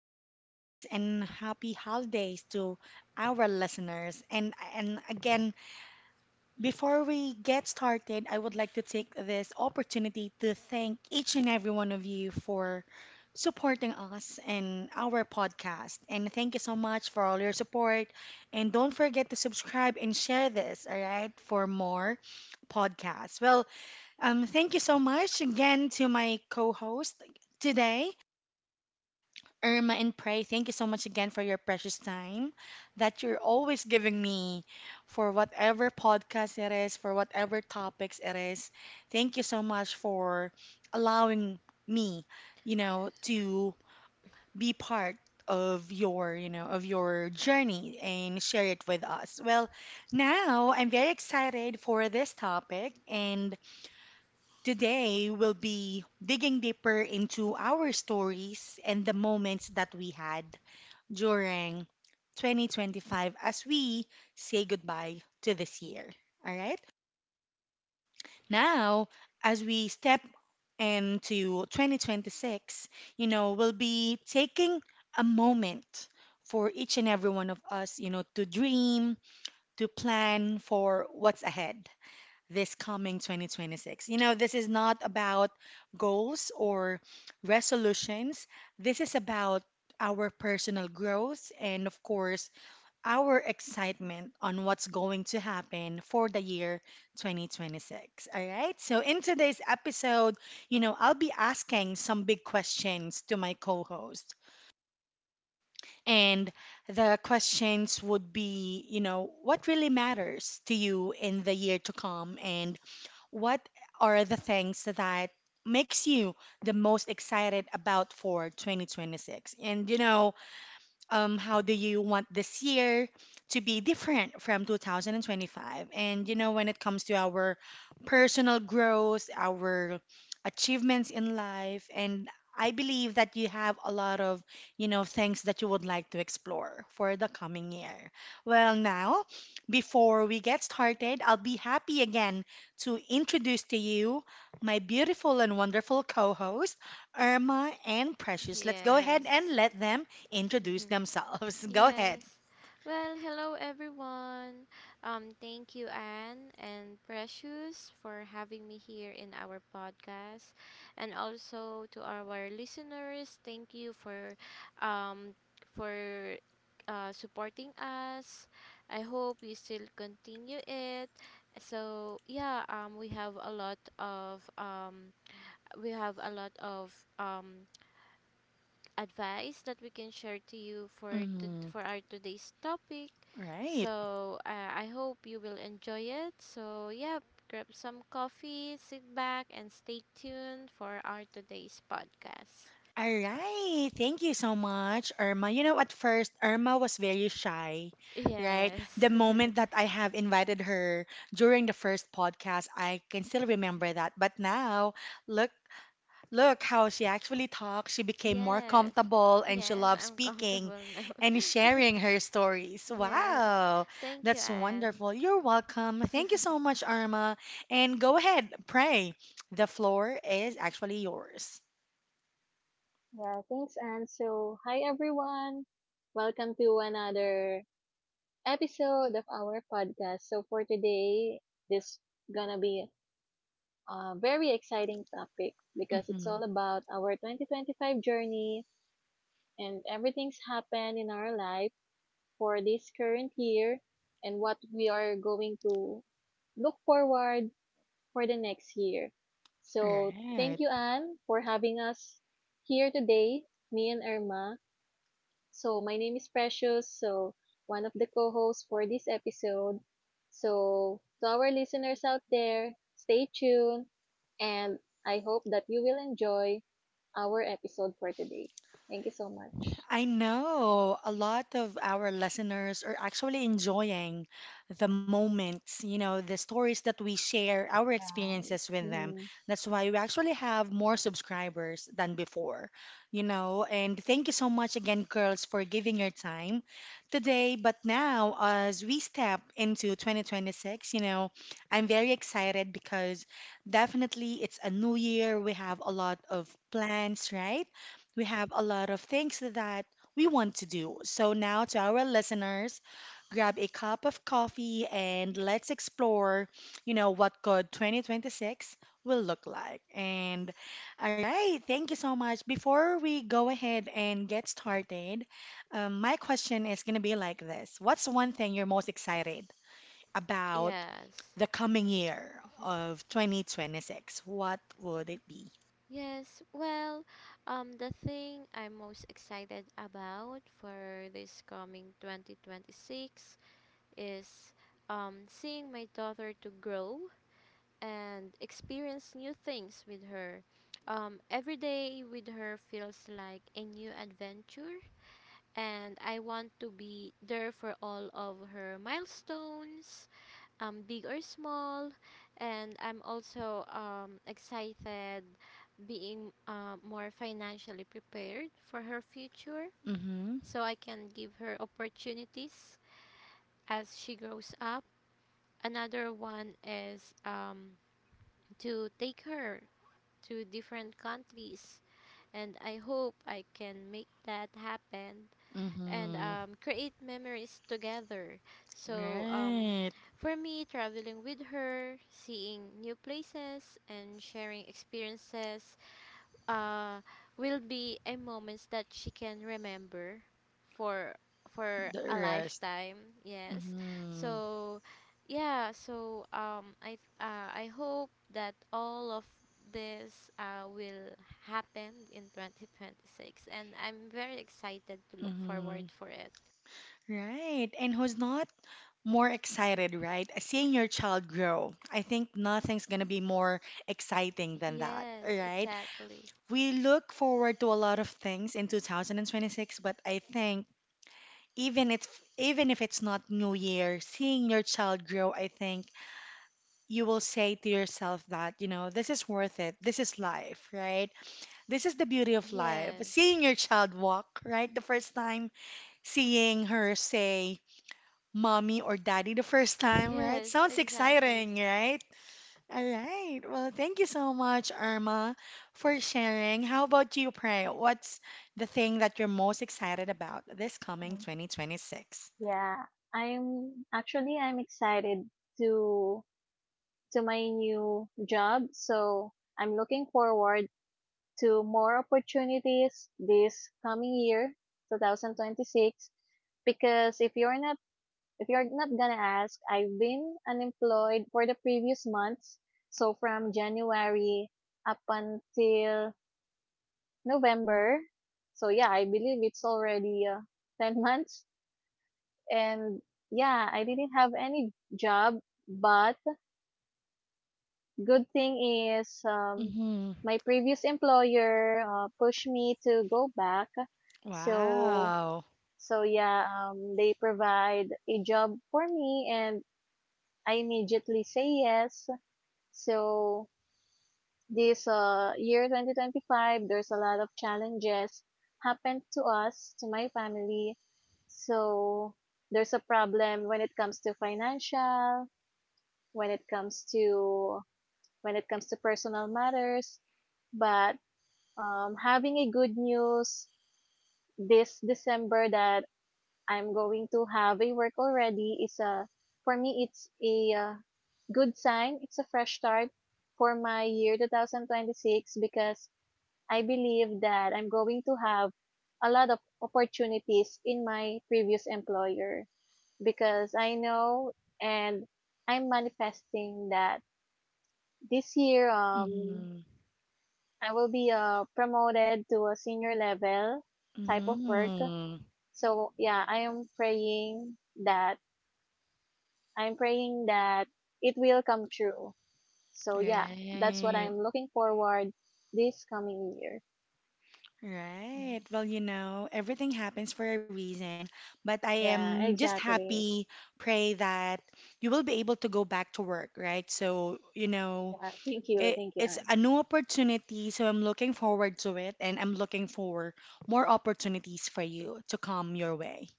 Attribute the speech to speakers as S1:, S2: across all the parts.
S1: Merry Christmas and Happy Holidays to our listeners. And again, before we get started, I would like to take this opportunity to thank each and every one of you for supporting us and our podcast. And thank you so much for all your support. And don't forget to subscribe and share this, all right, for more podcasts. Thank you so much again to my co-host today. Irma and Pray, thank you so much again for your precious time that you're always giving me for whatever podcast it is, for whatever topics it is. Thank you so much for allowing me, you know, to be part of your, you know, of your journey and share it with us. Well, now I'm very excited for this topic and today, we'll be digging deeper into our stories and the moments that we had during 2025 as we say goodbye to this year. All right? Now, as we step into 2026, you know, we'll be taking a moment for each and every one of us, you know, to dream, to plan for what's ahead this coming 2026. You know, this is not about goals or resolutions. This is about our personal growth and, of course, our excitement on what's going to happen for the year 2026. All right. So, in today's episode, you know, I'll be asking some big questions to my co host. And the questions would be, you know, what really matters to you in the year to come? And what are the things that makes you the most excited about for 2026? And how do you want this year to be different from 2025? And you know, when it comes to our personal growth, our achievements in life, and I believe that you have a lot of, you know, things that you would like to explore for the coming year. Well, now, before we get started, I'll be happy again to introduce to you my beautiful and wonderful co-host, Irma and Precious. Let's go ahead and
S2: Yes,
S1: let them introduce themselves. Go ahead.
S2: yes. Well, hello everyone. Thank you, Anne and Precious, for having me here in our podcast, and also to our listeners. Thank you for, um, for supporting us. I hope you still continue it. So yeah, we have a lot of um advice that we can share to you
S1: mm
S2: for our today's topic.
S1: Right.
S2: So I hope you will enjoy it. So yeah, grab some coffee, sit back, and stay tuned for our today's podcast.
S1: All right. Thank you so much, Irma. You know, at first, Irma was very shy, right?
S2: Yes,
S1: The moment that I have invited her during the first podcast, I can still remember that. But now, look look how she actually talks. She became more
S2: yes,
S1: comfortable and she
S2: yes.
S1: loves
S2: I'm
S1: speaking
S2: comfortable
S1: and
S2: now.
S1: sharing her stories.
S2: Yes.
S1: Wow,
S2: Thank you,
S1: that's
S2: Anne.
S1: wonderful. You're welcome. Thank you so much, Arma. And go ahead, pray. The floor is actually yours.
S3: Yeah, thanks, Anne. So, hi everyone. Welcome to another episode of our podcast. So, for today, this gonna be a very exciting topic because it's
S1: Mm-hmm.
S3: all about our 2025 journey and everything's happened in our life for this current year and what we are going to look forward for the next year. So, thank
S1: Right.
S3: you, Anne, for having us here today, me and Irma. So, my name is Precious, so one of the co hosts for this episode. So, to our listeners out there, stay tuned and I hope that you will enjoy our episode for today. Thank you so much.
S1: I know a lot of our listeners are actually enjoying the moments, you know, the stories that we share, our
S3: Right.
S1: experiences with them.
S3: Mhm.
S1: That's why we actually have more subscribers than before, you know. And thank you so much again, girls, for giving your time today. But now, as we step into 2026, you know, I'm very excited because definitely it's a new year. We have a lot of plans, right? We have a lot of things that we want to do. So, now to our listeners, grab a cup of coffee and let's explore, you know, what good 2026 will look like. And all right, thank you so much. Before we go ahead and get started, my question is going to be like this. What's one thing you're most excited about
S2: Yes.
S1: the coming year of 2026? What would it be?
S2: Yes, well, the thing I'm most excited about for this coming 2026 is seeing my daughter to grow and experience new things with her. Every day with her feels like a new adventure, and I want to be there for all of her milestones big or small. And I'm also excited being more financially prepared for her future
S1: Mm-hmm.
S2: so I can give her opportunities as she grows up. Another one is to take her to different countries, and I hope I can make that happen and
S1: Mm-hmm.
S2: create memories together. So
S1: Right.
S2: for me, traveling with her, seeing new places, and sharing experiences uh, will be a moments that she can remember for for
S1: The
S2: a
S1: rest.
S2: lifetime. Yes.
S1: Mm-hmm.
S2: So yeah. So I hope that all of this will happen in 2026, and I'm very excited to look
S1: Mm-hmm.
S2: forward for it.
S1: Right. And who's not more excited, right? Seeing your child grow. I think nothing's going to be more exciting than that,
S2: Yes,
S1: right?
S2: exactly.
S1: We look forward to a lot of things in 2026, but I think even it's even if it's not New Year, seeing your child grow, I think you will say to yourself that, you know, this is worth it. This is life, right? This is the beauty of life.
S2: Yes.
S1: Seeing your child walk, right, the first time. Seeing her say mommy or daddy the first time, right?
S2: Yes,
S1: Sounds
S2: exactly.
S1: exciting, right? All right. Well, thank you so much, Irma, for sharing. How about you, Pray? What's the thing that you're most excited about this coming
S3: Mhm.
S1: 2026?
S3: Yeah, I'm excited to to my new job, so I'm looking forward to more opportunities this coming year, 2026. Because if you're not gonna ask, I've been unemployed for the previous months. So from January up until November. So yeah, I believe it's already 10 months and yeah, I didn't have any job, but good thing is
S1: Mm-hmm.
S3: my previous employer pushed me to go back. So
S1: Wow.
S3: yeah, they provide a job for me and I immediately say yes. So this year 2025, there's a lot of challenges happened to us, to my family. So there's a problem when it comes to financial, when it comes to when it comes to personal matters. But having a good news this December that I'm going to have a work already is a for me it's a good sign. It's a fresh start for my year 2026 because I believe that I'm going to have a lot of opportunities in my previous employer because I know and I'm manifesting that this year
S1: Mm-hmm.
S3: I will be promoted to a senior level type of work.
S1: Mm-hmm.
S3: So yeah, I am praying that I'm praying that it will come true. So yeah, that's what
S1: Right.
S3: I'm looking forward this coming year. Mhm.
S1: Right. Well, you know, everything happens for a reason, but I
S3: Yeah,
S1: am just
S3: exactly.
S1: happy, pray that you will be able to go back to work, right? So, you know,
S3: Yeah, thank you,
S1: it's
S3: Anne.
S1: a new opportunity, so I'm looking forward to it, and I'm looking for more opportunities for you to come your way.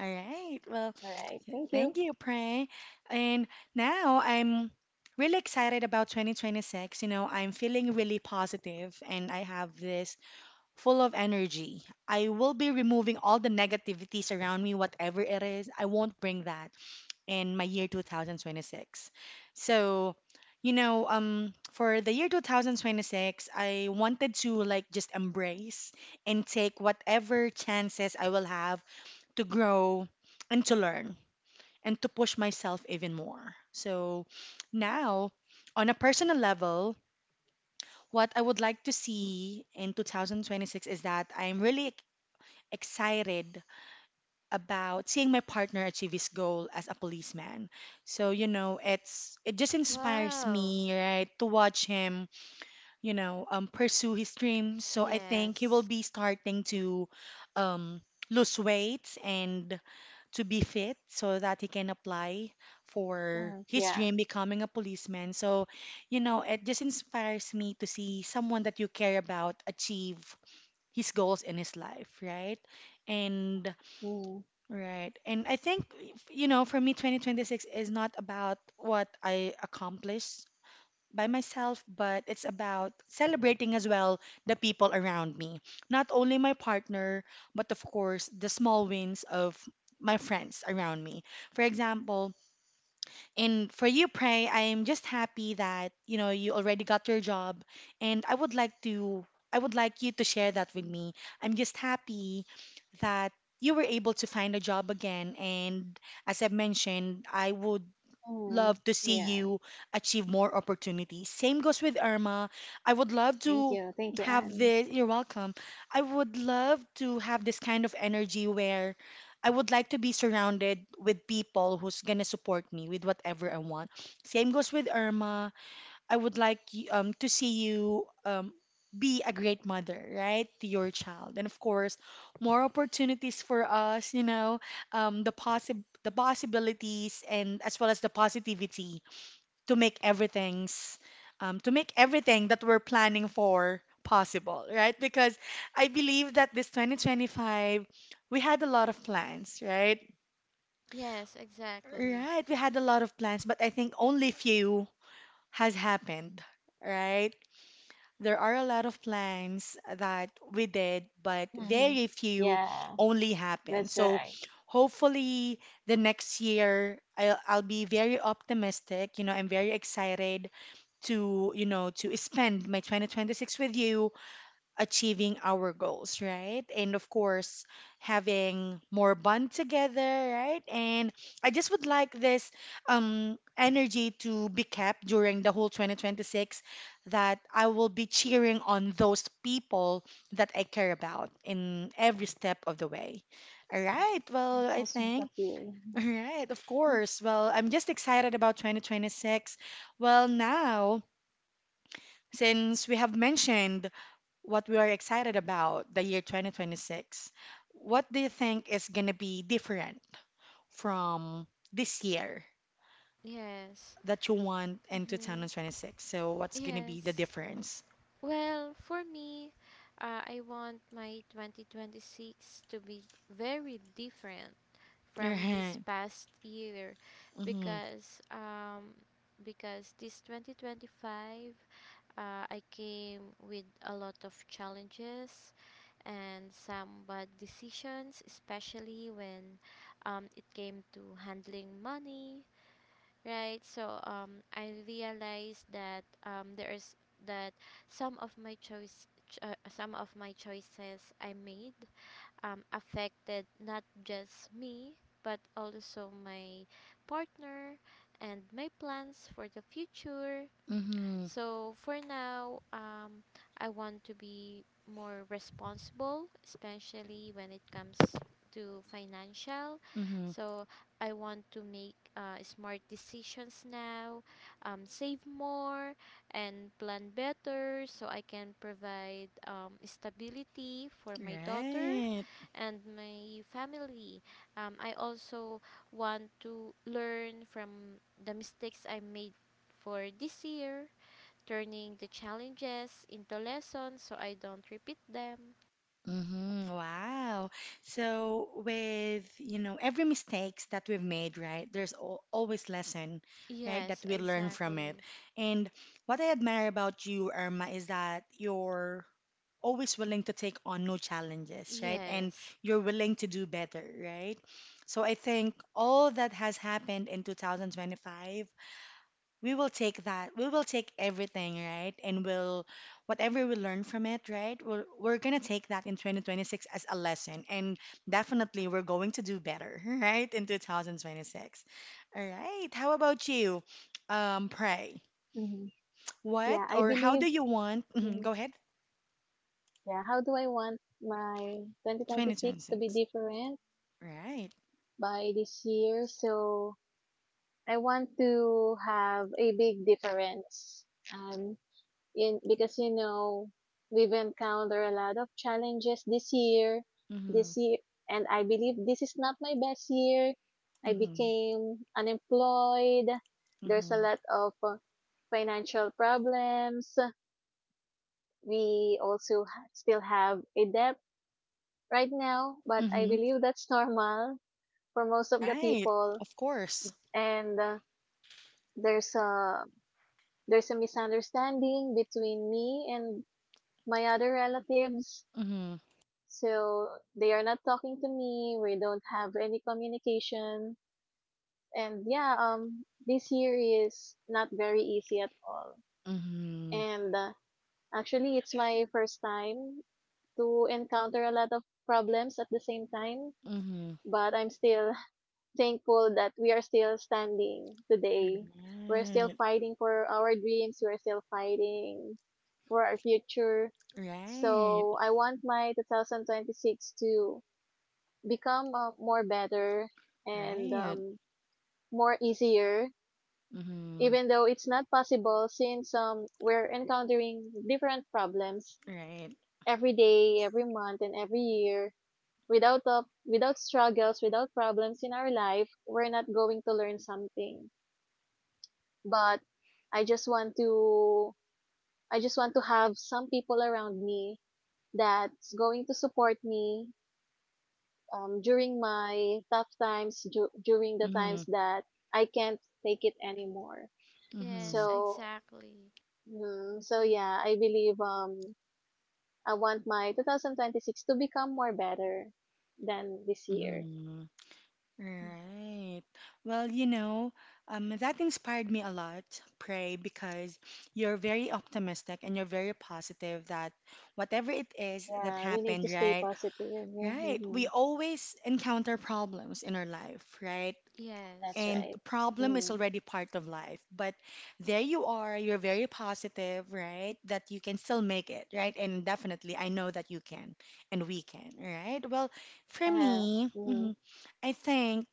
S1: All right. Well,
S3: All right, thank you.
S1: thank you, Pray. And now I'm really excited about 2026. You know, I'm feeling really positive, and I have this full of energy. I will be removing all the negativities around me, whatever it is. I won't bring that in my year 2026. So, for the year 2026, I wanted to like just embrace and take whatever chances I will have to grow and to learn and to push myself even more. So, now on a personal level, what I would like to see in 2026 is that I'm really excited about seeing my partner achieve his goal as a policeman. So, you know, it just inspires
S2: Wow.
S1: me, right, to watch him, pursue his dreams. So I think he will
S2: Yes.
S1: be starting to um lose weight and to be fit so that he can apply for
S3: Mm,
S1: his
S3: yeah.
S1: dream becoming a policeman. So, you know, it just inspires me to see someone that you care about achieve his goals in his life, right? And
S3: Mm,
S1: right. And I think, you know, for me, 2026 is not about what I accomplish by myself, but it's about celebrating as well the people around me. Not only my partner, but of course, the small wins of my friends around me. For example, and for you, Pray, I am just happy that you know you already got your job, and I would like you to share that with me. I'm just happy that you were able to find a job again, and as I've mentioned, I would
S3: mm,
S1: love to see
S3: yeah.
S1: you achieve more opportunities. Same goes with Irma. I would love to
S3: Thank you,
S1: have
S3: Anne.
S1: this. You're welcome. I would love to have this kind of energy where I would like to be surrounded with people who's gonna support me with whatever I want. Same goes with Irma. I would like to see you be a great mother, right, to your child. And of course, more opportunities for us, you know, the possibilities and as well as the positivity to make everything's to make everything that we're planning for possible, right? Because I believe that this 2025, we had a lot of plans, right?
S2: Yes, exactly.
S1: Right, we had a lot of plans, but I think only few has happened, right? There are a lot of plans that we did, but
S3: Mhm.
S1: very few
S3: Yeah,
S1: only happen.
S3: that's
S1: So
S3: right.
S1: hopefully the next year I'll be very optimistic. You know, I'm very excited to, you know, to spend my 2026 with you achieving our goals, right? And of course, having more bond together, right? And I just would like this energy to be kept during the whole 2026 that I will be cheering on those people that I care about in every step of the way. All right. Well,
S3: That's
S1: I
S3: so sweet of
S1: think.
S3: you.
S1: All right. Of course. Well, I'm just excited about 2026. Well, now, since we have mentioned what we are excited about, the year 2026, what do you think is going to be different from this year
S2: Yes.
S1: that you want in
S2: Mm-hmm.
S1: 2026? So, what's going to be the
S2: Yes.
S1: difference?
S2: Well, for me, I want my 2026 to be very different from this
S1: Right.
S2: past year
S1: Mm-hmm.
S2: because um because this 2025 uh, I came with a lot of challenges and some bad decisions, especially when it came to handling money. Right. So I realized that there is that some of my choices I made affected not just me but also my partner and my plans for the future.
S1: Mm-hmm.
S2: So for now, I want to be more responsible, especially when it comes to financial.
S1: Mm-hmm.
S2: So I want to make smart decisions now, save more, and plan better so I can provide stability for my daughter
S1: Right.
S2: and my family. I also want to learn from the mistakes I made for this year, turning the challenges into lessons so I don't repeat them.
S1: Mm-hmm. Wow. So with, you know, every mistakes that we've made, right, there's al always lesson, right,
S2: Yes,
S1: that we learn from it.
S2: exactly.
S1: And what I admire about you, Irma, is that your always willing to take on new challenges, right? And
S2: Yes.
S1: you're willing to do better, right? So I think all that has happened in 2025, we will take that. We will take everything, right? And whatever we learn from it, right? We're going to take that in 2026 as a lesson. And definitely we're going to do better, right? In 2026. All right. How about you, Pray?
S3: Hmm.
S1: What
S3: Yeah, I
S1: or how
S3: believe.
S1: do you want? Mhm, go
S3: mm,
S1: ahead.
S3: Yeah, how do I want my 2026 to be
S1: 2026.
S3: different?
S1: Right.
S3: By this year. So I want to have a big difference. Um, in Because you know we've encountered a lot of challenges this year.
S1: Mm-hmm.
S3: This year, and I believe this is not my best year. I
S1: Mm-hmm.
S3: became unemployed. There's a
S1: Mm-hmm.
S3: lot of financial problems. We also still have a debt right now, but I
S1: Mm-hmm.
S3: believe that's normal for most of the
S1: Right.
S3: people.
S1: Of course.
S3: And there's a there's a misunderstanding between me and my other relatives,
S1: Mm-hmm.
S3: so they are not talking to me. We don't have any communication. And yeah, this year is not very easy at all.
S1: Mm-hmm.
S3: And actually it's my first time to encounter a lot of problems at the same time,
S1: Mm-hmm.
S3: but I'm still thankful that we are still standing today. We're still
S1: Right.
S3: fighting for our dreams. We're still fighting for our future.
S1: Right.
S3: So I want my 2026 to become more better and
S1: Right.
S3: more easier,
S1: Mm-hmm.
S3: even though it's not possible since we're encountering different problems
S1: Right.
S3: every day, every month, and every year. Without struggles, without problems in our life, we're not going to learn something. But I just want to I just want to have some people around me that's going to support me during my tough times, during the
S1: Mm-hmm.
S3: times that I can't take it anymore.
S2: Yes,
S1: Mm-hmm.
S3: So,
S2: exactly.
S3: yeah, I believe I want my 2026 to become more better than this year.
S1: Mm-hmm. Right. Well, you know, that inspired me a lot, Pray, because you're very optimistic and you're very positive that whatever it is that
S3: Yeah, we need to
S1: happened,
S3: stay
S1: right?
S3: positive.
S1: Right. We
S3: Mm-hmm.
S1: always encounter problems in our life, right?
S3: That's
S2: Yes.
S1: And
S3: right.
S1: the problem is
S3: Mm.
S1: already part of life. But there you are, you're very positive, right? That you can still make it, right? And definitely, I know that you can and we can, right? Well, for
S3: Yeah.
S1: me,
S3: Mm.
S1: I think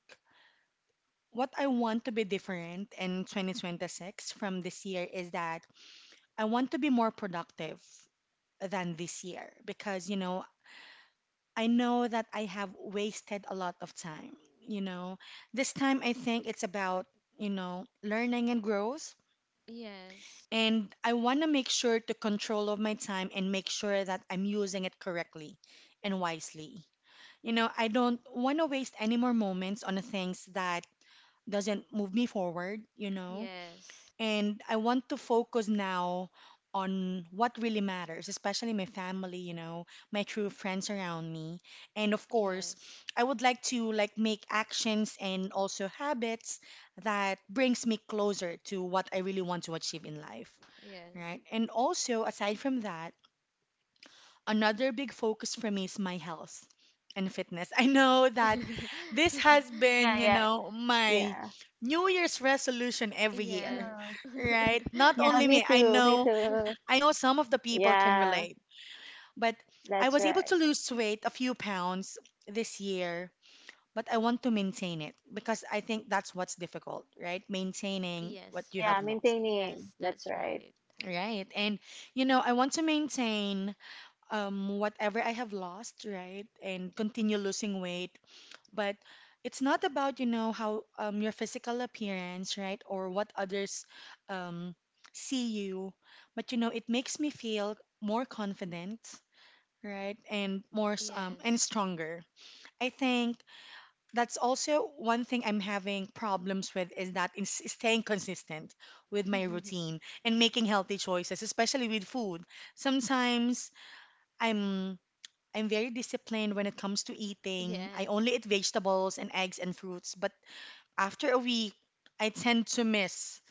S1: what I want to be different in 2026 from this year is that I want to be more productive than this year because, I know that I have wasted a lot of time, you know. This time I think it's about, learning and growth.
S2: Yes.
S1: And I want to make sure to control of my time and make sure that I'm using it correctly and wisely. You know, I don't want to waste any more moments on the things that doesn't move me forward,
S2: Yes.
S1: And I want to focus now on what really matters, especially my family, my true friends around me. And of course,
S2: Yes.
S1: I would like to like make actions and also habits that brings me closer to what I really want to achieve in life,
S2: Yes.
S1: right? And also aside from that, another big focus for me is my health and fitness. I know that this has
S3: Yeah,
S1: been,
S3: yeah.
S1: my
S3: Yeah.
S1: New Year's resolution every year,
S2: Yes.
S3: Mm-hmm.
S1: right? Not
S3: Yeah,
S1: only me,
S3: Me too.
S1: I know some of the people can
S3: Yeah,
S1: relate, but I
S3: that's
S1: was able to
S3: right.
S1: lose weight a few pounds this year, but I want to maintain it because I think that's what's difficult, right? Maintaining what
S2: Yes.
S1: you
S2: Make
S3: Yeah,
S1: have lost.
S2: yes,
S3: maintaining. That's
S2: that's
S3: right.
S2: right.
S1: Right. And you know, I want to maintain whatever I have lost, right, and continue losing weight. But it's not about, you know, how your physical appearance, right, or what others um, see you. But, you know, it makes me feel more confident, right, and and
S2: Yes.
S1: stronger. I think that's also one thing I'm having problems with is that in staying consistent with my routine and making healthy choices, especially with food. Sometimes I'm I'm very disciplined when it comes to eating. I
S2: Yes.
S1: only eat vegetables and eggs and fruits, but after a week, I tend to miss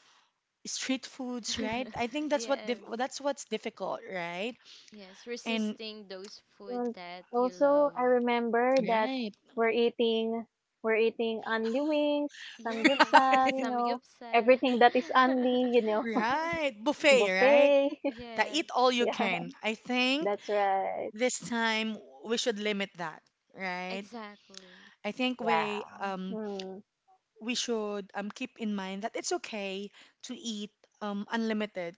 S1: street foods, right? I think
S2: Yes.
S1: that's what's difficult, right?
S2: Yes,
S1: And
S2: resisting those food
S3: And
S2: that you
S3: also, I
S2: love.
S3: remember that
S1: right.
S3: we're eating, we're eating only wings,
S2: Yes,
S3: samgyeopsal, you know,
S2: samgyeopsal.
S3: everything that is only, you know,
S1: Right, buffet, right?
S3: buffet.
S1: That
S2: Yes,
S1: eat all you
S3: Yeah,
S1: can. I think
S3: that's right.
S1: this time we should limit that, right?
S2: exactly.
S1: I think
S3: Yeah. Hmm.
S1: we should keep in mind that it's okay to eat unlimited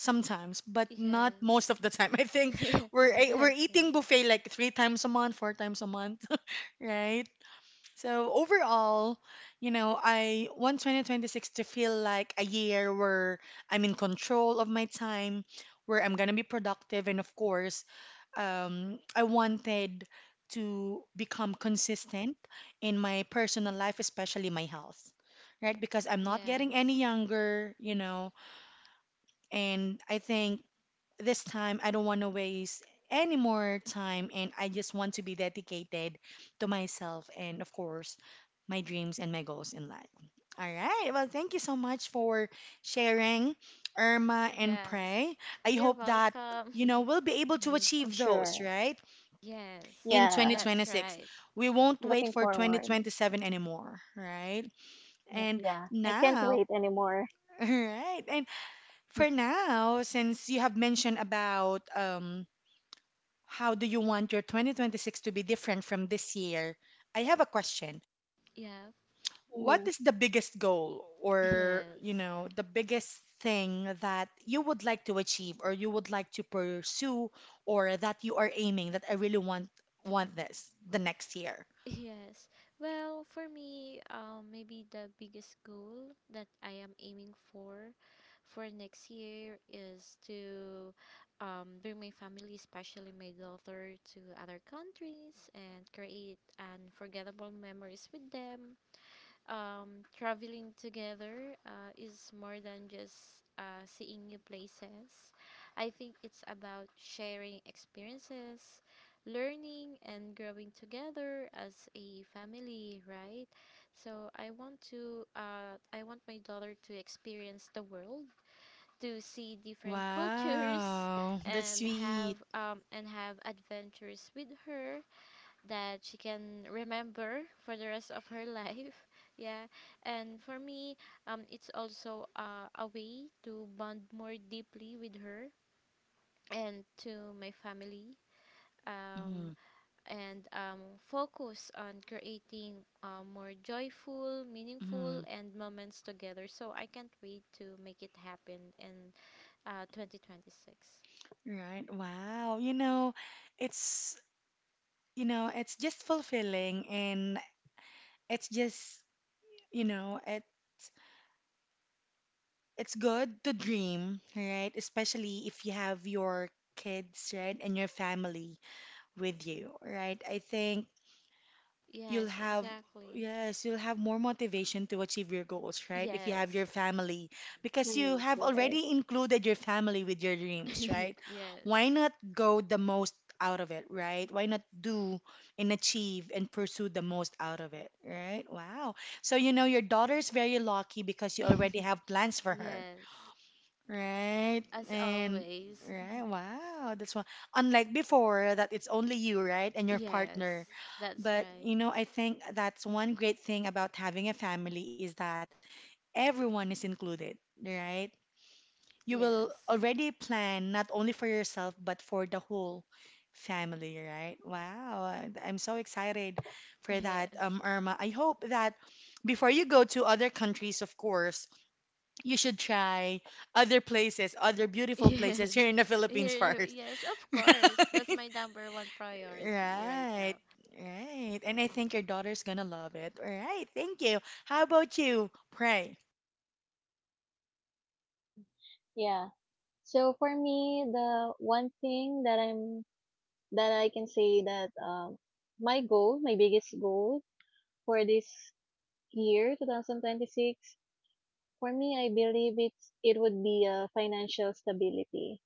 S1: sometimes, but not
S2: Yes.
S1: most of the time. I think we're
S2: That's right.
S1: eating buffet like three times a month, four times a month, right? So overall, you know, I want 2026 to feel like a year where I'm in control of my time, where I'm gonna be productive, and of course, I wanted to become consistent in my personal life, especially my health. Right, because I'm not getting any
S2: Yes.
S1: younger, you know, and I think this time I don't want to waste any more time and I just want to be dedicated to myself and of course my dreams and my goals in life. All right. Well, thank you so much for sharing, Irma and
S2: Yes.
S1: Prey. I
S2: You're
S1: hope that
S2: welcome.
S1: you know we'll be able to
S3: Mhm. For
S1: achieve those,
S3: sure.
S1: right?
S2: Yes.
S1: In
S3: Yeah.
S2: That's
S1: 2026.
S2: right.
S1: We won't wait
S3: Looking
S1: for
S3: forward.
S1: 2027 anymore, right? And
S3: Yeah. I can't
S1: now,
S3: wait anymore.
S1: all right. And for now, since you have mentioned about how do you want your 2026 to be different from this year? I have a question.
S2: Yeah.
S1: What
S3: Mm-hmm.
S1: is the biggest goal or, you
S2: Yes.
S1: know, the biggest thing that you would like to achieve or you would like to pursue or that you are aiming that I really want this the next year?
S2: Yes. Well, for me, maybe the biggest goal that I am aiming for next year is to bring my family, especially my daughter, to other countries and create unforgettable memories with them. Traveling together is more than just seeing new places. I think it's about sharing experiences, learning, and growing together as a family, right? So I want my daughter to experience the world, to see different cultures,
S1: Wow, that's sweet.
S2: and have adventures with her that she can remember for the rest of her life. Yeah. And for me, it's also a way to bond more deeply with her and to my family. Um,
S1: Mhm,
S2: and focus on creating more joyful, meaningful,
S1: mhm.
S2: and moments together. So I can't wait to make it happen in 2026.
S1: Right. Wow. It's you know, it's just fulfilling and it's just you know, it's good to dream, right? Especially if you have your kids, right, and your family with you, right? I think
S2: Yes,
S1: you'll have
S2: exactly.
S1: yes, you'll have more motivation to achieve your goals, right? If you have
S2: Yes.
S1: your family, because you
S3: Mm-hmm,
S1: have
S3: right.
S1: already included your family with your dreams, right?
S2: Yes.
S1: Why not go the most out of it, right? Why not do and achieve and pursue the most out of it, right? Wow. So, you know, your daughter's very lucky because you already have plans for her.
S2: Yes,
S1: Right.
S2: as
S1: And
S2: always.
S1: right. Wow. That's why unlike before that it's only you, right? And your
S2: Yes,
S1: partner.
S2: that's
S1: But
S2: right.
S1: you know, I think that's one great thing about having a family is that everyone is included, right? You will
S2: Yes,
S1: already plan not only for yourself but for the whole family, right? Wow. I'm so excited for that,
S2: yes,
S1: Irma. I hope that before you go to other countries, of course, you should try other places, other beautiful places
S2: yes.
S1: here in the Philippines
S2: Here,
S1: first.
S2: yes, of course. That's my number one
S1: Right.
S2: priority right now.
S1: Right. Right. And I think your daughter's gonna love it. All right. Thank you. How about you? Pray.
S3: Yeah. So for me, the one thing that I can say that my goal, my biggest goal for this year, 2026, for me, I believe it would be financial stability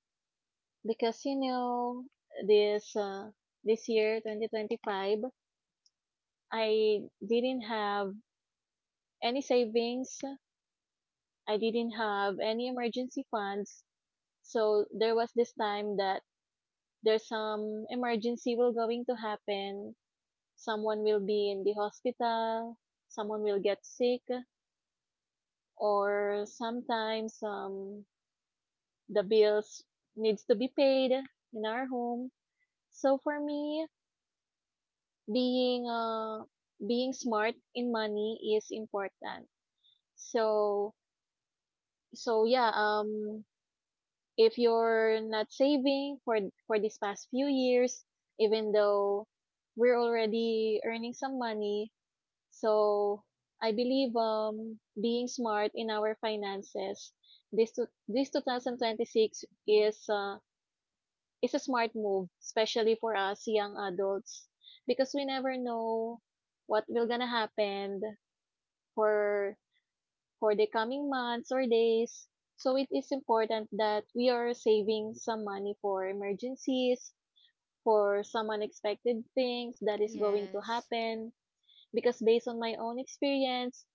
S3: because you know this uh, this year, 2025, I didn't have any savings, I didn't have any emergency funds, so there was this time that there's some emergency will going to happen, someone will be in the hospital, someone will get sick, or sometimes the bills needs to be paid in our home. So for me, being uh, being smart in money is important. So yeah, if you're not saving for these past few years, even though we're already earning some money. So, I believe being smart in our finances this 2026 is a smart move, especially for us young adults, because we never know what will gonna happen for for the coming months or days. So it is important that we are saving some money for emergencies, for some unexpected things that is going to
S2: Yes,
S3: happen. Because based on my own experience,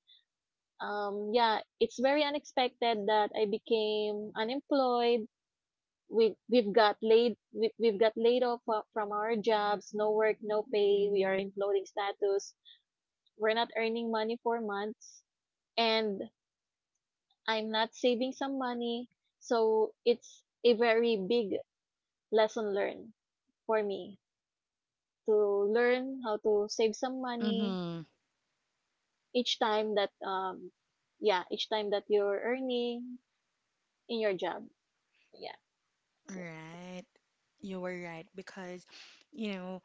S3: yeah, it's very unexpected that I became unemployed. We, we've got laid off from our jobs. No work, no pay. We are in floating status. We're not earning money for months, and I'm not saving some money. So it's a very big lesson learned for me to learn how to save some money
S1: Mm-hmm.
S3: each time that yeah each time that you're earning in your job. So, yeah, that's it.
S1: Right. You were right because, you know,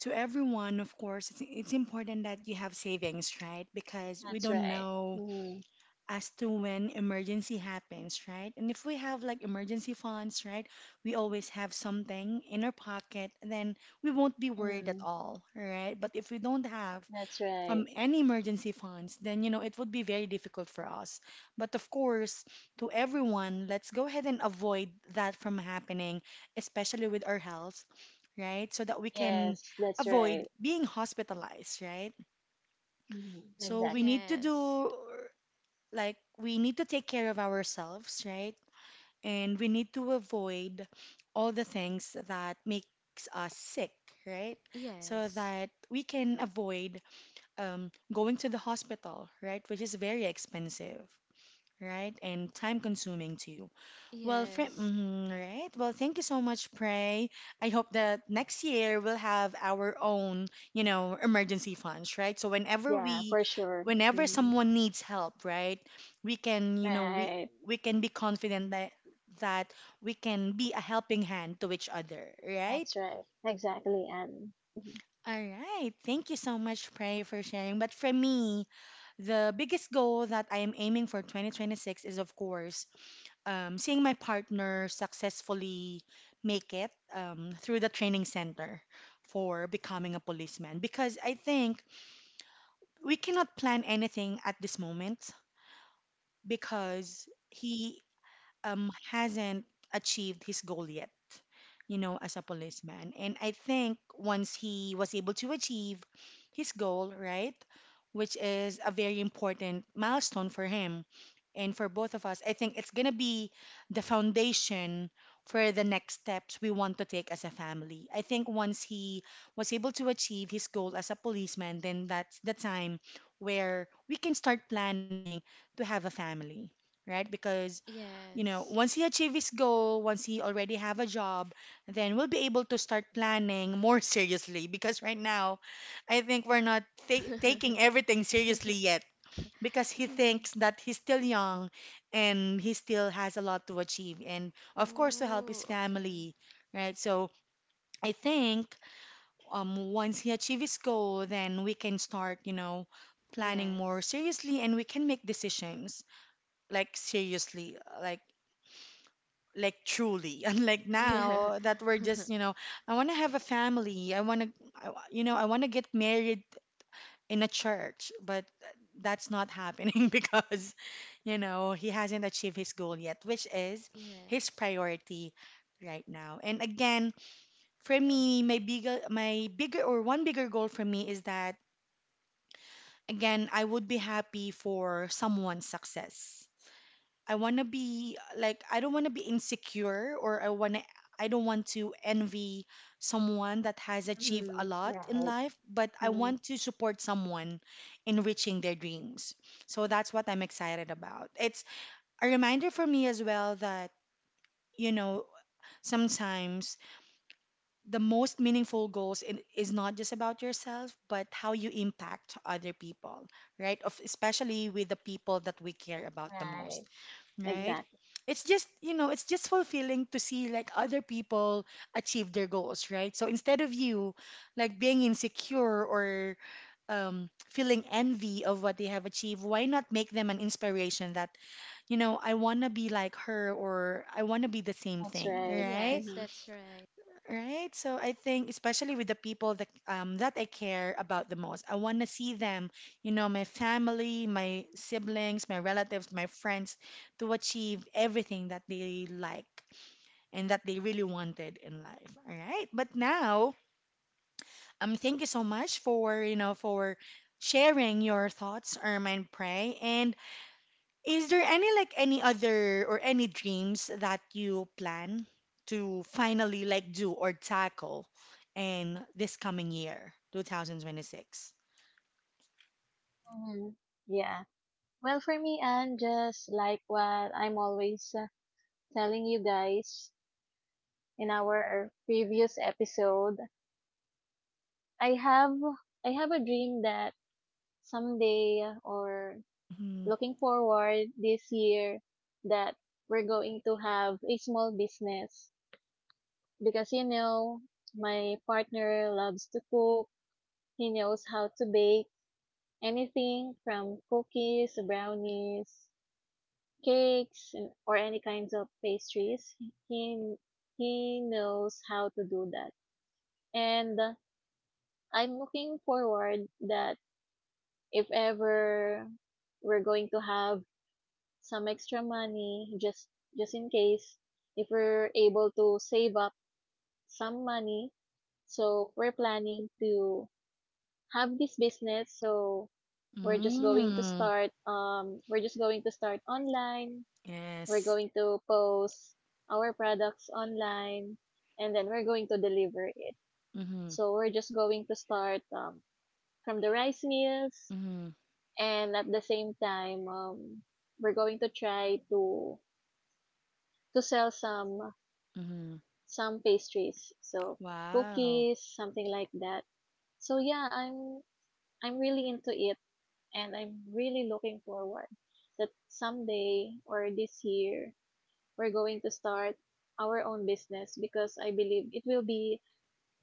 S1: to everyone, of course, it's important that you have savings, right? Because we
S3: That's
S1: don't
S3: right.
S1: know
S3: Mm,
S1: as to when emergency happens, right? And if we have like emergency funds, right, we always have something in our pocket, then we won't be worried at
S3: mm,
S1: all, right? But if we don't have
S3: that's right.
S1: any emergency funds, then you know it would be very difficult for us. But of course, to everyone, let's go ahead and avoid that from happening, especially with our health, right? So that we can
S3: Yes, that's right.
S1: avoid being hospitalized, right?
S3: Mm,
S1: So we
S3: exactly.
S1: need to
S2: yes,
S1: do like we need to take care of ourselves, right? And we need to avoid all the things that makes us sick, right? So
S2: yes,
S1: that we can avoid going to the hospital, right? Which is very expensive, right? And time consuming too. Well,
S2: yes,
S1: right. Well, thank you so much, Pray. I hope that next year we'll have our own, you know, emergency funds, right? So
S3: Yeah, for sure.
S1: whenever
S3: Mm,
S1: someone needs help, right, we can, you know, we
S3: right.
S1: we can be confident that that we can be a helping hand to each other, right?
S3: That's right. Exactly, and mm,
S1: All right. Thank you so much, Pray, for sharing. But for me, the biggest goal that I am aiming for 2026 is, of course, seeing my partner successfully make it through the training center for becoming a policeman because I think we cannot plan anything at this moment because he hasn't achieved his goal yet, you know, as a policeman. And I think once he was able to achieve his goal, right, which is a very important milestone for him and for both of us, I think it's going to be the foundation for the next steps we want to take as a family. I think once he was able to achieve his goal as a policeman, then that's the time where we can start planning to have a family, right? Because you know
S2: yes.
S1: once he achieve his goal, once he already have a job, then we'll be able to start planning more seriously because right now I think we're not taking everything seriously yet because he thinks that he's still young and he still has a lot to achieve and of course to help his
S2: Oh, okay.
S1: family, right? So I think once he achieves his goal then we can start you know planning more
S2: Yes.
S1: seriously and we can make decisions like seriously like like truly unlike
S2: Yeah.
S1: now that we're just you know. I want to have a family, I want to you know I want to get married in a church but that's not happening because you know he hasn't achieved his goal yet which is his
S2: Yes.
S1: priority right now. And again, for me my bigger or one bigger goal for me is that again I would be happy for someone's success. I don't want to be insecure or I don't want to envy someone that has achieved a lot in
S3: right.
S1: life, but I
S3: Mm,
S1: want to support someone in reaching their dreams. So that's what I'm excited about. It's a reminder for me as well that you know sometimes the most meaningful is not just about yourself but how you impact other people, right, of especially with the people that we care about the most.
S3: right.
S1: Right?
S3: Exactly.
S1: It's just, you know, it's just fulfilling to see like other people achieve their goals, right? So instead of you like being insecure or feeling envy of what they have achieved, why not make them an inspiration that, you know, I want to be like her or I want to be the same
S3: That's
S1: thing,
S3: right.
S1: right?
S2: Yes,
S3: Mm-hmm.
S2: that's right.
S1: Right. So I think, especially with the people that that I care about the most, I want to see them, you know, my family, my siblings, my relatives, my friends, to achieve everything that they like and that they really wanted in life. All right. But now, thank you so much for, you know, for sharing your thoughts, Irma and Pray. And is there any like any other or any dreams that you plan to finally like do or tackle in this coming year, 2026?
S3: Mm-hmm. Yeah. Well, for me, and just like what I'm always telling you guys in our previous episode, I have I have a dream that someday or
S1: Mm-hmm.
S3: looking forward this year that we're going to have a small business because you know my partner loves to cook, he knows how to bake anything from cookies, brownies, cakes, or any kinds of pastries. he he knows how to do that. And I'm looking forward that if ever we're going to have some extra money, just in case if we're able to save up some money. So we're planning to have this business. So
S1: Mm,
S3: we're just going to start online. We're
S1: yes.
S3: going to post our products online and then we're going to deliver it.
S1: Mm-hmm.
S3: So we're just going to start from the rice meals,
S1: Mm-hmm.
S3: and at the same time we're going to try to sell
S1: Mm-hmm.
S3: some pastries, so
S1: Wow.
S3: cookies, something like that. So yeah, I'm really into it and I'm really looking forward that someday or this year we're going to start our own business because I believe it will be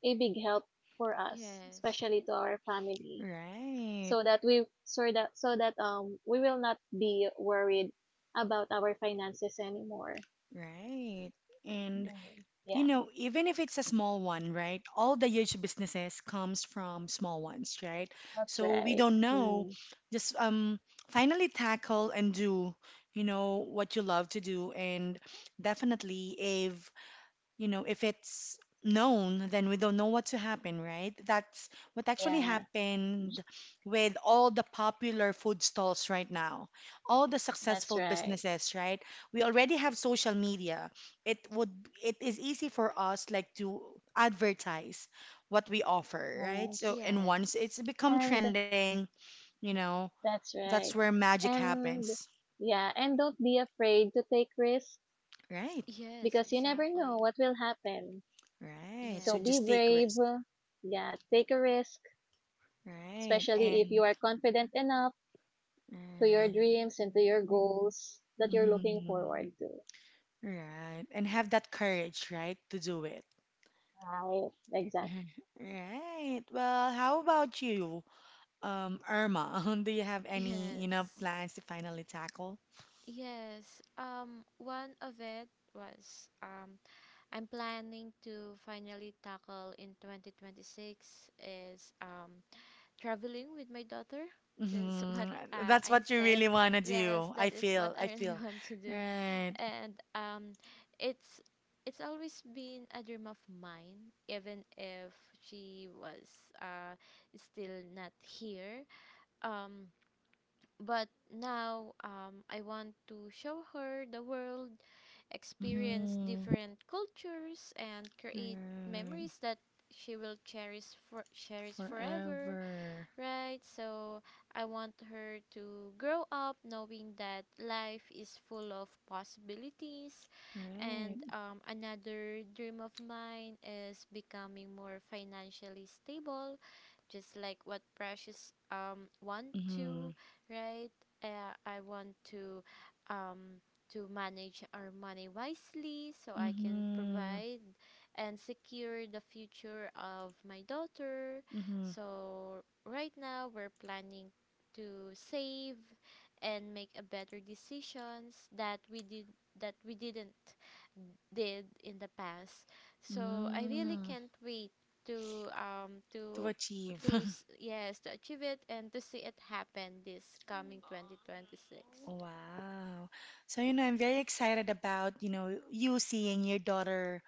S3: a big help for us,
S2: Yes.
S3: especially to our family,
S1: Right.
S3: so that we will not be worried about our finances anymore.
S1: Right. And
S3: Mhm.
S1: You
S3: Yeah,
S1: know, even if it's a small one, right? All the huge businesses comes from small ones, right?
S3: that's
S1: So we
S3: right.
S1: don't know.
S3: Mm,
S1: Just finally tackle and do, what you love to do. And definitely, if if it's known, then we don't know what to happen, right? That's what actually
S3: yeah.
S1: happened with all the popular food stalls right now, all the
S3: That's
S1: successful
S3: right.
S1: businesses, right? We already have social media. It would it is easy for us like to advertise what we offer, right? So
S3: Yes.
S1: and once it's
S2: Yes.
S1: become
S3: And
S1: trending, you know,
S3: that's
S1: that's where
S3: right.
S1: magic
S3: And
S1: happens.
S3: yeah, and don't be afraid to take risks
S1: Right.
S3: because
S2: Yes,
S3: you never know what
S2: exactly.
S3: will happen.
S1: Right. So
S3: So be
S1: just take
S2: Yes.
S3: brave.
S1: risk.
S3: Yeah, take a risk,
S1: Right.
S3: especially if you
S1: And
S3: are confident enough to your
S1: right.
S3: dreams and to your goals that you're looking
S1: Mm-hmm.
S3: forward to.
S1: Right. And have that courage, right, to do it.
S3: Right. Exactly.
S1: Mhm. Right. Well, how about you, Irma? Do you have any,
S2: Yes.
S1: plans to finally tackle?
S2: Yes. One of it was I'm planning to finally tackle in 2026 is traveling with my daughter. Just
S1: Hmm.
S2: what
S1: That's what
S2: I
S1: you really
S2: said.
S1: want to do.
S2: Yes,
S1: I
S2: that is
S1: feel,
S2: what
S1: I
S2: I
S1: feel.
S2: really want to do.
S1: Right.
S2: And it's it's always been a dream of mine even if she was still not here, um but now, I want to show her the world, experience
S1: Mm-hmm.
S2: different cultures and create
S1: Right.
S2: memories that she will cherish for cherish forever,
S1: Forever.
S2: right? So I want her to grow up knowing that life is full of possibilities.
S1: Right.
S2: And another dream of mine is becoming more financially stable, just like what Precious want
S1: Mm-hmm.
S2: to, right? I want um to manage our money wisely so I can
S1: Mm-hmm.
S2: provide and secure the future of my daughter.
S1: Mm-hmm.
S2: So right now we're planning to save and make a better decisions that we didn't did in the past. So I really
S1: Mm.
S2: can't wait to um
S1: To
S2: to
S1: achieve.
S2: yes to achieve it and to see it happen this coming 2026.
S1: Wow. So, I'm very excited about, you seeing your daughter,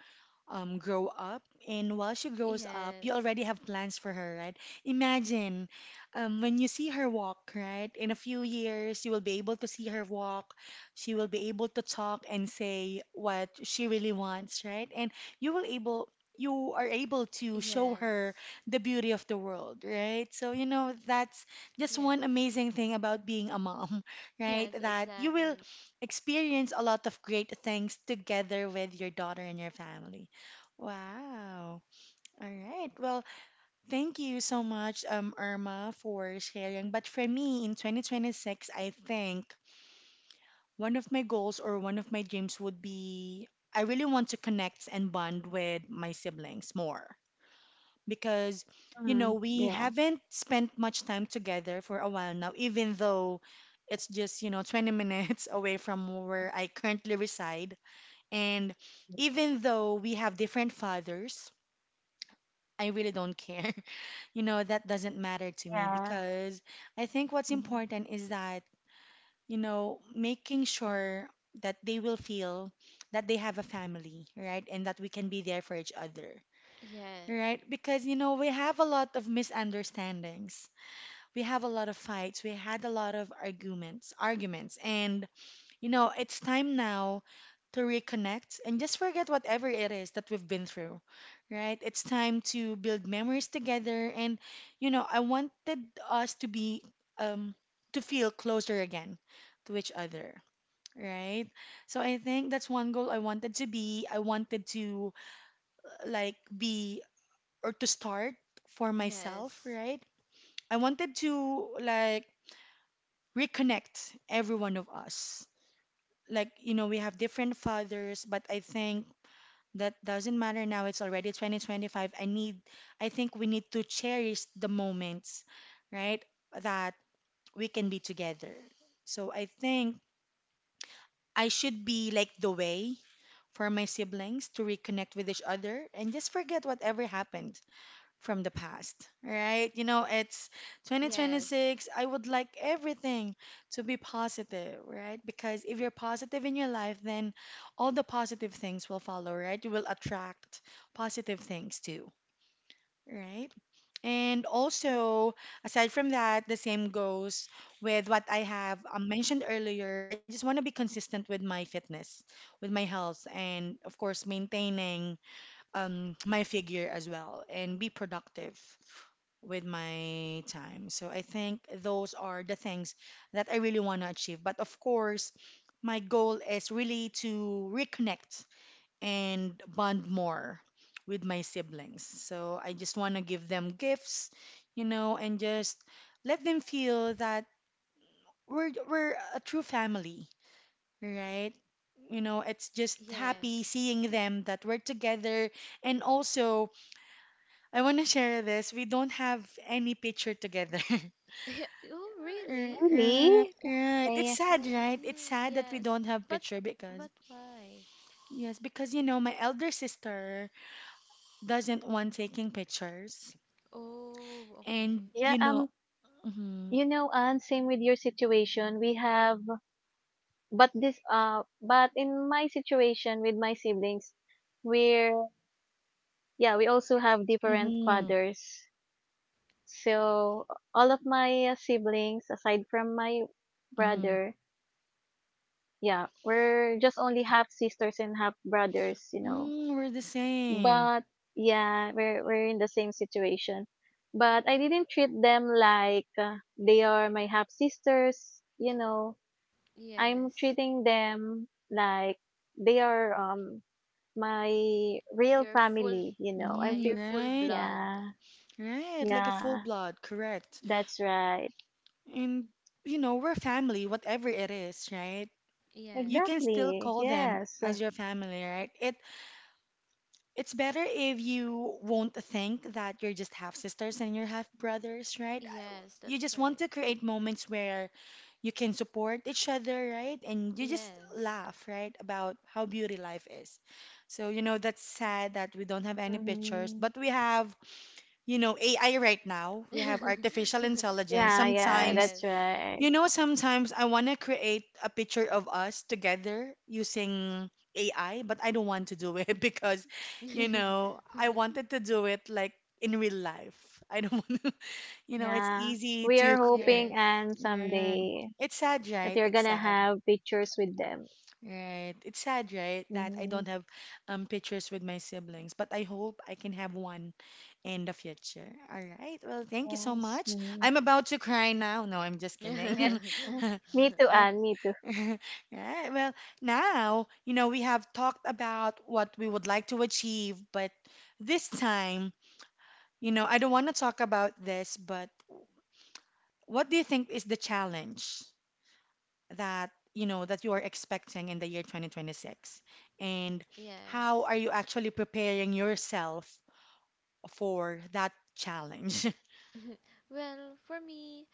S1: grow up. And while she grows up, you
S2: Yes.
S1: already have plans for her, right? Imagine when you see her walk, right? In a few years, you will be able to see her walk. She will be able to talk and say what she really wants, right? And you will able you are able to show her
S2: Yes.
S1: the beauty of the world, right? So, that's just one
S2: Yes.
S1: amazing thing about being a mom, right?
S2: Yes,
S1: That you will
S2: exactly.
S1: experience a lot of great things together with your daughter and your family. Wow. All right. Well, thank you so much, Irma, for sharing. But for me, in 2026, I think one of my goals or one of my dreams would be I really want to connect and bond with my siblings more because,
S3: Mm,
S1: we
S3: yeah.
S1: haven't spent much time together for a while now, even though it's just, 20 minutes away from where I currently reside. And even though we have different fathers, I really don't care that doesn't matter to me
S3: Yeah.
S1: because I think what's
S3: Mhm.
S1: important is that, making sure that they will feel that they have a family, right? And that we can be there for each other,
S2: Yes.
S1: right? Because, we have a lot of misunderstandings. We have a lot of fights. We had a lot of arguments, arguments. And it's time now to reconnect and just forget whatever it is that we've been through, right? It's time to build memories together. And, I wanted us to be, um, to feel closer again to each other, right? So I think that's one goal I wanted to be. I wanted to, like, be or to start for myself,
S2: Yes.
S1: right? I wanted to, like, reconnect every one of us like we have different fathers but I think that doesn't matter now it's already 2025 I think we need to cherish the moments right that we can be together so I think I should be like the way for my siblings to reconnect with each other and just forget whatever happened from the past, right? You know, it's
S2: Yes.
S1: 2026. I would like everything to be positive, right? Because if you're positive in your life, then all the positive things will follow, right? You will attract positive things too, right? And also, aside from that, the same goes with what I have mentioned earlier. I just want to be consistent with my fitness, with my health, and of course, maintaining my figure as well and be productive with my time. So I think those are the things that I really want to achieve. But of course, my goal is really to reconnect and bond more with my siblings. So I just want to give them gifts, and just let them feel that we're a true family, right? You know, it's just happy
S2: Yes.
S1: seeing them that we're together and also I want to share this. We don't have any picture together.
S2: Oh,
S1: R-
S2: really?
S1: Right,
S3: Really?
S1: right. It's
S3: Okay.
S1: sad, right? It's sad that we don't
S2: Yes.
S1: have
S2: But
S1: picture because
S2: but why?
S1: yes, because my elder sister doesn't want taking pictures,
S2: Oh,
S1: and
S2: okay.
S3: Yeah,
S1: mm-hmm,
S3: you know, and same with your situation. We have but this but in my situation with my siblings, we're yeah, we also have different
S1: mm-hmm,
S3: fathers, so all of my siblings aside from my
S1: mm-hmm.
S3: brother, yeah, we're just only half sisters and half brothers, you know.
S1: Mm, we're the same.
S3: But yeah, we're in the same situation, but I didn't treat them like they are my half sisters, you know. I'm
S2: Yes.
S3: treating them like they are my real
S2: You're full.
S3: family, you know. I'm
S2: Yeah,
S1: Mm,
S3: treat—
S2: you're full
S1: right,
S2: blood.
S3: yeah,
S1: right. Like a full
S3: yeah,
S1: blood, correct.
S3: that's right.
S1: And we're family, whatever it is, right? You can
S2: Yes.
S1: still
S3: Exactly.
S1: call them
S3: Yes.
S1: as your family, right? It It's better if you won't think that you're just half sisters and you're half brothers, right?
S2: Yes,
S1: You just
S2: that's
S1: want to
S2: right.
S1: create moments where you can support each other, right? And you just
S2: Yes.
S1: laugh, right, about how beauty life is. So, that's sad that we don't have any pictures,
S3: Hmm.
S1: but we have, AI right now. We have artificial intelligence.
S3: Yeah,
S1: Sometimes
S3: that's
S2: Yes.
S3: right.
S1: sometimes I want to create a picture of us together using AI, but I don't want to do it because, I wanted to do it like in real life. I don't want to, it's
S3: Yeah.
S1: easy
S3: We
S1: to
S3: are
S1: create.
S3: hoping
S2: Yes.
S3: and
S1: Yeah.
S3: someday
S1: It's sad,
S3: that
S1: right?
S3: you're
S1: It's
S3: gonna
S1: sad.
S3: have pictures with them.
S1: Right. It's sad, right? That I don't
S3: Hmm.
S1: have pictures with my siblings, but I hope I can have one in the future. All right. Well, thank you so
S3: Yes.
S1: much.
S3: Hmm.
S1: I'm about to cry now. No, I'm just
S3: Yes.
S1: kidding.
S3: Uh,
S1: All
S3: Anne, me too,
S1: Right. Well, now, we have talked about what we would like to achieve, but this time, I don't want to talk about this, but what do you think is the challenge that, that you are expecting in the year 2026? And how are
S2: Yes.
S1: you actually preparing yourself for that challenge?
S2: Well, for me,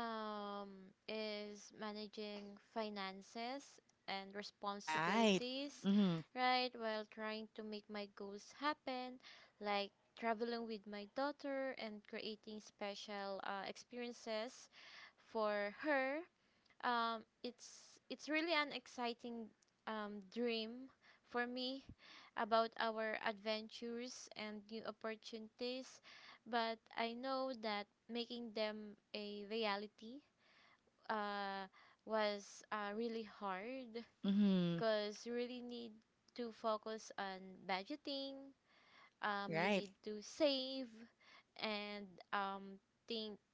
S2: is managing finances and
S1: Right.
S2: responsibilities,
S1: Mm-hmm.
S2: right? While trying to make my goals happen, like traveling with my daughter and creating special experiences for her, it's really an exciting dream for me about our adventures and new opportunities, but I know that making them a reality uh, was really hard
S1: Mm-hmm.
S2: because you really need to focus on budgeting. You
S1: Right.
S2: need to save and um, think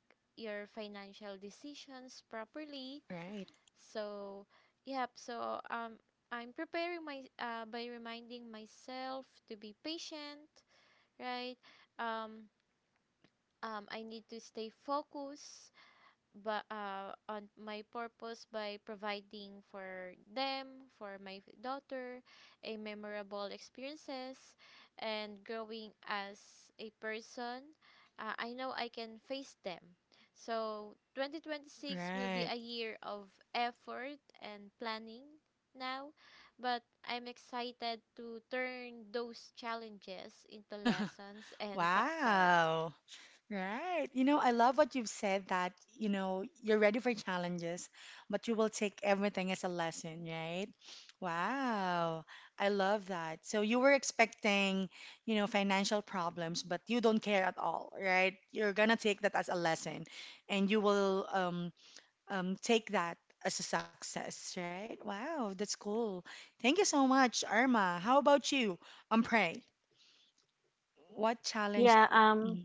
S2: your financial decisions properly,
S1: Right.
S2: so, yep. So, I'm preparing my by reminding myself to be patient, right? Um, um, I need to stay focused but on my purpose by providing for them, for my daughter, a memorable experiences, and growing as a person. I know I can face them. So 2026 will be
S1: Right.
S2: a year of effort and planning now, but I'm excited to turn those challenges into lessons and success.
S1: Wow. Right. You know, I love what you've said that, you're ready for challenges, but you will take everything as a lesson, right? Wow. I love that. So you were expecting, financial problems, but you don't care at all, right? You're gonna take that as a lesson and you will take that as a success, right? Wow, that's cool. Thank you so much, Irma. How about you? Pray. What challenge?
S3: Yeah, um,
S1: Yeah.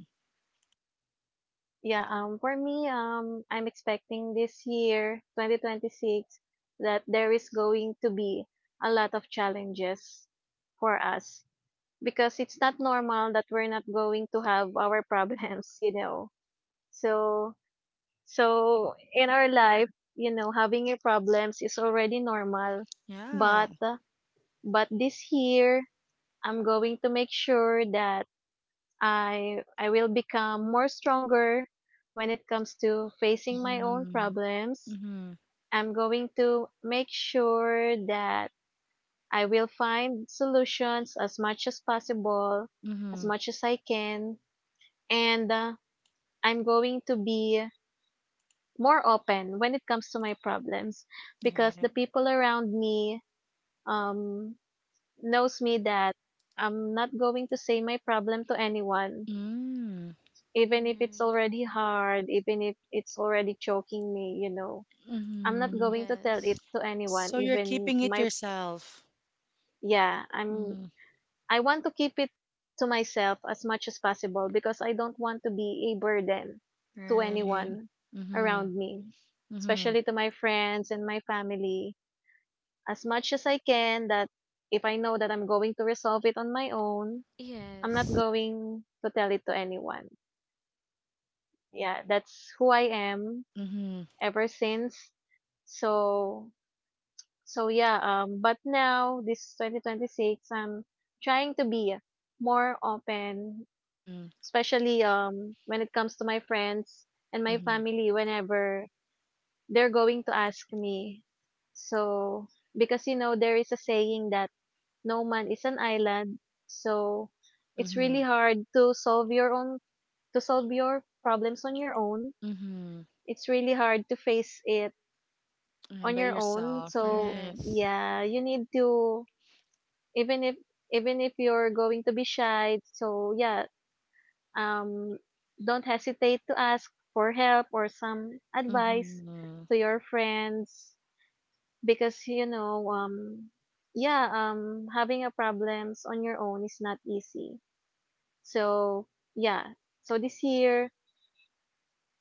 S3: Yeah, for me, I'm expecting this year, 2026, that there is going to be a lot of challenges for us because it's not normal that we're not going to have our problems, you know. So, in our life, you know, having your problems is already normal,
S1: Yeah.
S3: but this year, I'm going to make sure that I will become more stronger when it comes to facing my own
S1: Mm-hmm.
S3: problems.
S1: Mhm.
S3: I'm going to make sure that I will find solutions as much as possible, as
S1: Mhm.
S3: much as I can, and I'm going to be more open when it comes to my problems because the
S1: Right.
S3: people around me um knows me that I'm not going to say my problem to anyone
S1: Mm.
S3: even if it's
S2: Mm,
S3: already hard, even if it's already choking me. I'm not
S1: Mhm.
S3: going to tell it
S2: yes.
S3: to anyone,
S1: So you're
S3: even
S1: keeping
S3: to
S1: it
S3: my,
S1: yourself.
S3: yeah, I'm,
S1: Mhm.
S3: I want to keep it to myself as much as possible because I don't want to be a burden to
S1: Right.
S3: anyone
S1: Mhm.
S3: around me,
S1: Mhm.
S3: especially to my friends and my family, as much as I can that if I know that I'm going to resolve it on my own, I'm not
S2: Yes.
S3: going to tell it to anyone. Yeah, that's who I am
S1: Mhm.
S3: ever since. So so yeah, but now this 2026 I'm trying to be more open,
S1: Mhm.
S3: especially when it comes to my friends and my
S1: Mhm.
S3: family whenever they're going to ask me. So because you know there is a saying that no man is an island. So it's really
S1: Mhm.
S3: hard to solve your own to solve your problems on your own.
S1: Mhm.
S3: It's really hard to face it
S1: Mhm.
S3: on
S1: By
S3: your own.
S1: yourself,
S3: So
S1: right?
S2: Yes,
S3: yeah, you need to, even if even if you're going to be shy, so yeah, um don't hesitate to ask for help or some advice
S1: Mhm.
S3: to your friends because you know yeah, having a problems on your own is not easy. So yeah, so this year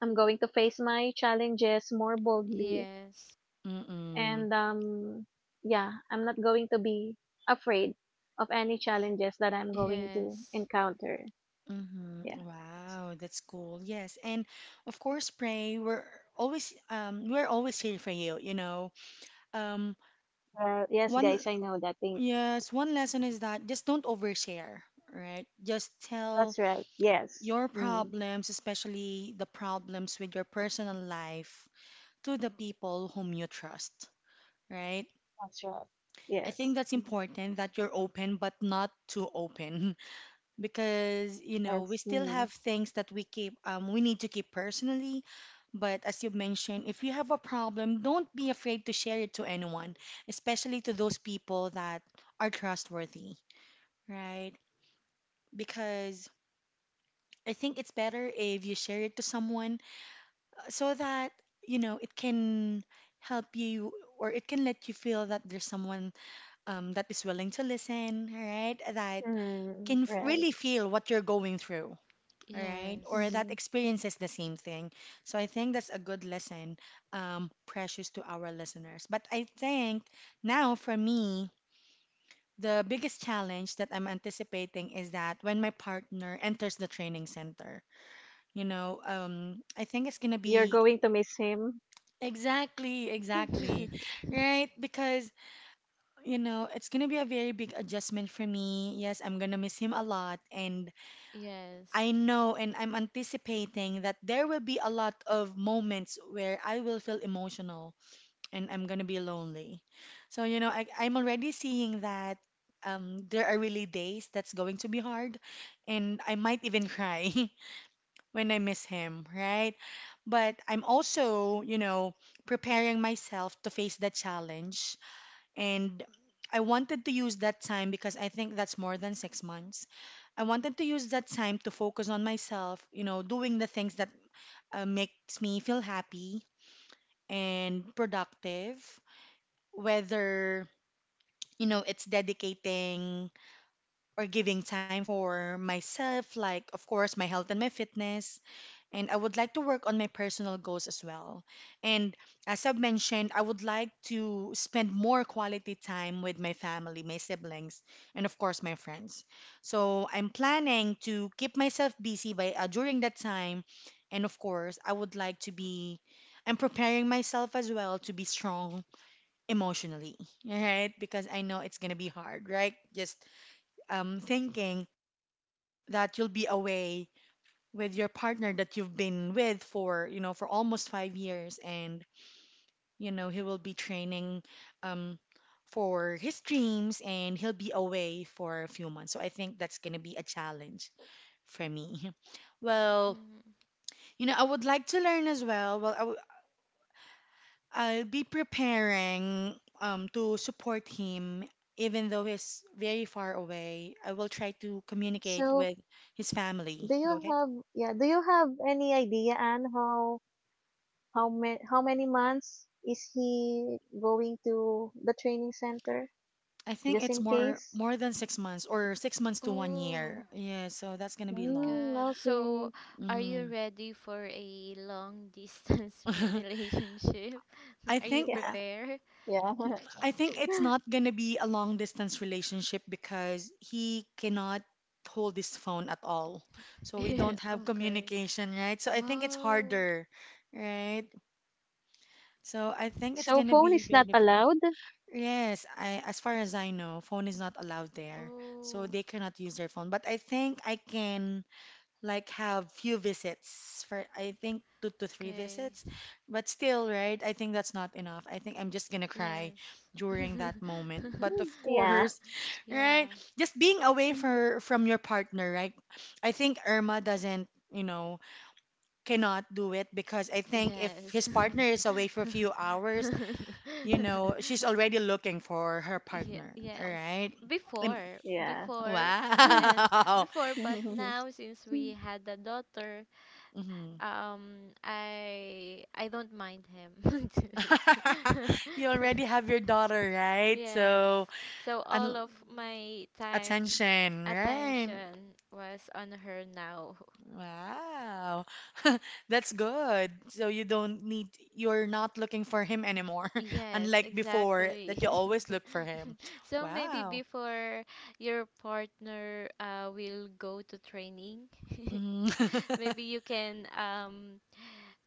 S3: I'm going to face my challenges more boldly
S2: yes,
S1: Mhm.
S3: and yeah, I'm not going to be afraid of any challenges that I'm going to
S2: yes,
S3: encounter.
S1: Mhm.
S3: Yeah,
S1: Wow, that's cool. Yes, and of course, pray. We're always here for you. You know, um
S3: well yes
S1: one.
S3: guys I know that thing.
S1: Yes, one lesson is that just don't overshare, right? Just tell
S3: That's right, yes.
S1: your
S3: Mm,
S1: problems, especially the problems with your personal life, to the people whom you trust, right?
S3: that's right.
S1: I think
S3: Yes.
S1: that's
S3: Mm.
S1: important that you're open, but not too open, because we
S3: That's
S1: still
S3: mm,
S1: have things that we keep, we need to keep personally. But as you mentioned, if you have a problem, don't be afraid to share it to anyone, especially to those people that are trustworthy. Right. Because I think it's better if you share it to someone so that, it can help you or it can let you feel that there's someone that is willing to listen, all right? That
S3: mm, right.
S1: really feel what you're going through. All right, or
S2: yes,
S1: that
S3: Hmm.
S1: experiences the same thing. So I think that's a good lesson, precious to our listeners. But I think now for me, the biggest challenge that I'm anticipating is that when my partner enters the training center, you know, I think it's gonna
S3: You're
S1: be
S3: going to miss him.
S1: exactly, exactly, right? Because, it's gonna be a very big adjustment for me. Yes, I'm gonna miss him a lot, and I
S2: yes.
S1: know and I'm anticipating that there will be a lot of moments where I will feel emotional and I'm gonna be lonely. So, I'm already seeing that. There are really days that's going to be hard, and I might even cry. when I miss him, right? But I'm also, preparing myself to face the challenge. And I wanted to use that time because I think that's more than 6 months. I wanted to use that time to focus on myself, doing the things that makes me feel happy and productive, whether, it's dedicating or giving time for myself, like, of course, my health and my fitness and I would like to work on my personal goals as well. And as I've mentioned, I would like to spend more quality time with my family, my siblings, and of course my friends. So I'm planning to keep myself busy by during that time, and of course I would like to be. I'm preparing myself as well to be strong emotionally, right? Because I know it's gonna be hard, right? Just thinking that you'll be away with your partner that you've been with for for almost 5 years, and you know he will be training um for his dreams, and he'll be away for a few months. So I think that's going to be a challenge for me. Well,
S2: Mhm.
S1: you know, I would like to learn as well. I'll be preparing to support him. Even though he's very far away, I will try to communicate
S3: So,
S1: with his family.
S3: do
S1: Go
S3: you
S1: ahead.
S3: have, yeah, do you have any idea, Anne, how how many months is he going to the training center,
S1: I think
S3: just
S1: it's
S3: in
S1: more
S3: case?
S1: more than 6 months, or 6 months to 1 year.
S2: Oh
S1: Yeah, so that's gonna be
S2: my
S1: long.
S3: Hmm,
S2: God. So,
S3: okay.
S2: are you
S1: hmm
S2: ready for a long distance relationship?
S1: I
S2: Are you
S1: think
S3: Yeah.
S2: prepared?
S3: Yeah.
S1: I think it's not gonna be a long distance relationship because he cannot hold his phone at all. So we
S2: Yeah,
S1: don't have
S2: okay.
S1: communication, right? So I think it's
S2: Wow.
S1: harder, right? So I think it's
S3: So
S1: gonna
S3: phone
S2: Mm.
S1: be
S3: is
S1: very
S3: not
S1: difficult.
S3: allowed?
S1: Yes, I, as far as I know, phone is not allowed there. So
S2: Oh,
S1: they cannot use their phone. But I think I can like have few visits, for I think two to three
S2: okay.
S1: visits, but still, right? I think that's not enough. I think I'm just gonna cry
S2: Yes.
S1: during that moment. But of
S3: Yeah.
S1: course,
S2: Yeah.
S1: right? Just being away
S3: Mm.
S1: for from your partner, right? I think Irma doesn't, you know, cannot do it, because I think if
S2: Yes.
S1: his partner is away for a few hours, you know, she's already looking for her
S2: Ye-
S1: partner, all
S2: yes.
S1: right? Im-
S2: Before,
S3: Yeah.
S2: before when
S1: Wow.
S2: before but now since we had a daughter,
S1: Mhm.
S2: um, I don't mind him.
S1: You already have your daughter, right?
S2: Yes.
S1: So,
S2: So all
S1: un
S2: of my time
S1: attention, right?
S2: attention was on her now.
S1: Wow. That's good. So you don't need, you're not looking for him anymore,
S2: Yes,
S1: unlike before
S2: exactly.
S1: that you always look for him.
S2: So maybe
S1: Wow.
S2: before your partner will go to training,
S1: Mm.
S2: maybe you can um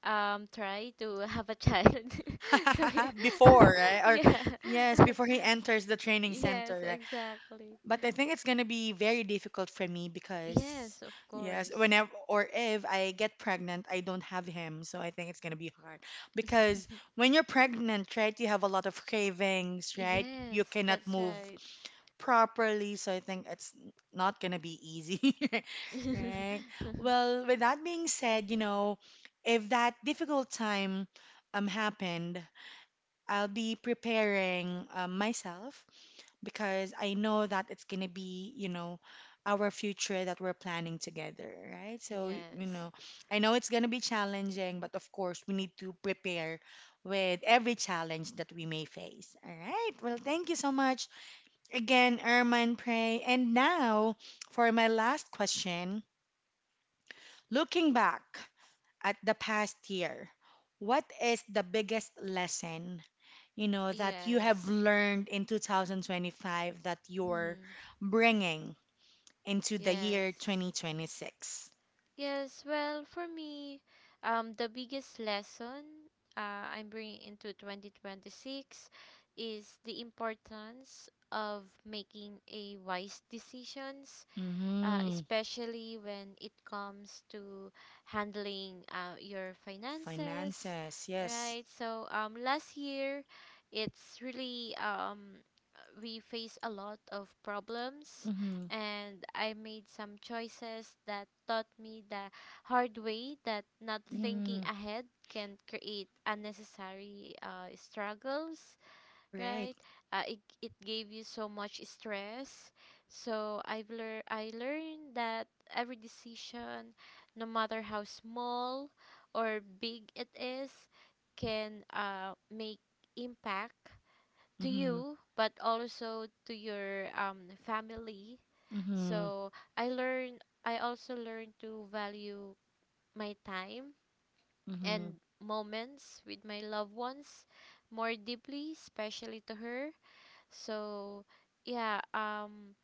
S2: um try to have a child. So
S1: Before, right? Or
S2: yeah.
S1: yes, before he enters the training
S2: Yes,
S1: center.
S2: exactly.
S1: But I think it's gonna be very difficult for me because,
S2: Yes, of
S1: yes,
S2: course.
S1: whenever or if I get pregnant, I don't have him. So I think it's gonna be hard because when you're pregnant, right, you have a lot of cravings, right? You
S2: Yes,
S1: cannot
S2: that's
S1: move
S2: right.
S1: properly. So I think it's not gonna be easy, right? Well, with that being said, you know, if that difficult time happened, I'll be preparing myself, because I know that it's going to be, you know, our future that we're planning together, right? So, you
S2: Yes.
S1: know, I know it's going to be challenging, but of course, we need to prepare with every challenge that we may face. All right. Well, thank you so much again, Erman Pray. And now for my last question, looking back at the past year, what is the biggest lesson, you know, that you have
S2: Yes.
S1: learned in 2025 that you're
S2: Mhm.
S1: bringing into the year
S2: Yes.
S1: 2026?
S2: Yes, well, for me, the biggest lesson I'm bringing into 2026 is the importance of making a wise decisions,
S1: Mm-hmm.
S2: especially when it comes to handling your finances,
S1: Finances, yes.
S2: right? So last year, it's really we face a lot of problems,
S1: Mm-hmm.
S2: and I made some choices that taught me the hard way that not thinking
S1: Mm-hmm.
S2: ahead can create unnecessary struggles,
S1: Right.
S2: right? It gave you so much stress. So I learned that every decision, no matter how small or big it is, can make impact to
S1: Mm-hmm.
S2: you, but also to your family.
S1: Mm-hmm.
S2: So I also learned to value my time
S1: Mm-hmm.
S2: and moments with my loved ones more deeply, especially to her. So, yeah, um,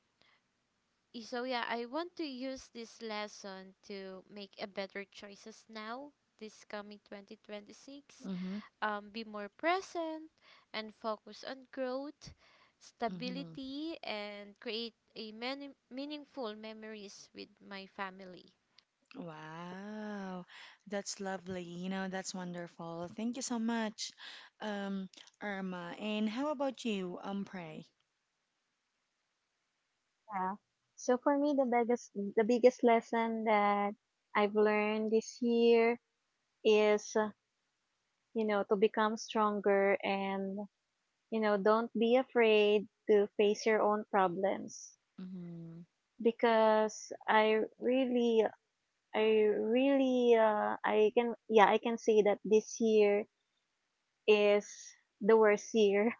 S2: I want to use this lesson to make a better choices now, this coming 2026.
S1: Mm-hmm.
S2: Be more present and focus on growth,
S1: Mm-hmm.
S2: stability, and create a many meaningful memories with my family.
S1: Wow. That's lovely. You know, that's wonderful. Thank you so much, um, Irma. And how about you, Pray?
S3: Yeah. So for me, the biggest lesson that I've learned this year is, you know, to become stronger and, you know, don't be afraid to face your own problems
S1: Mm-hmm.
S3: because I really, I can, yeah, I can say that this year is the worst year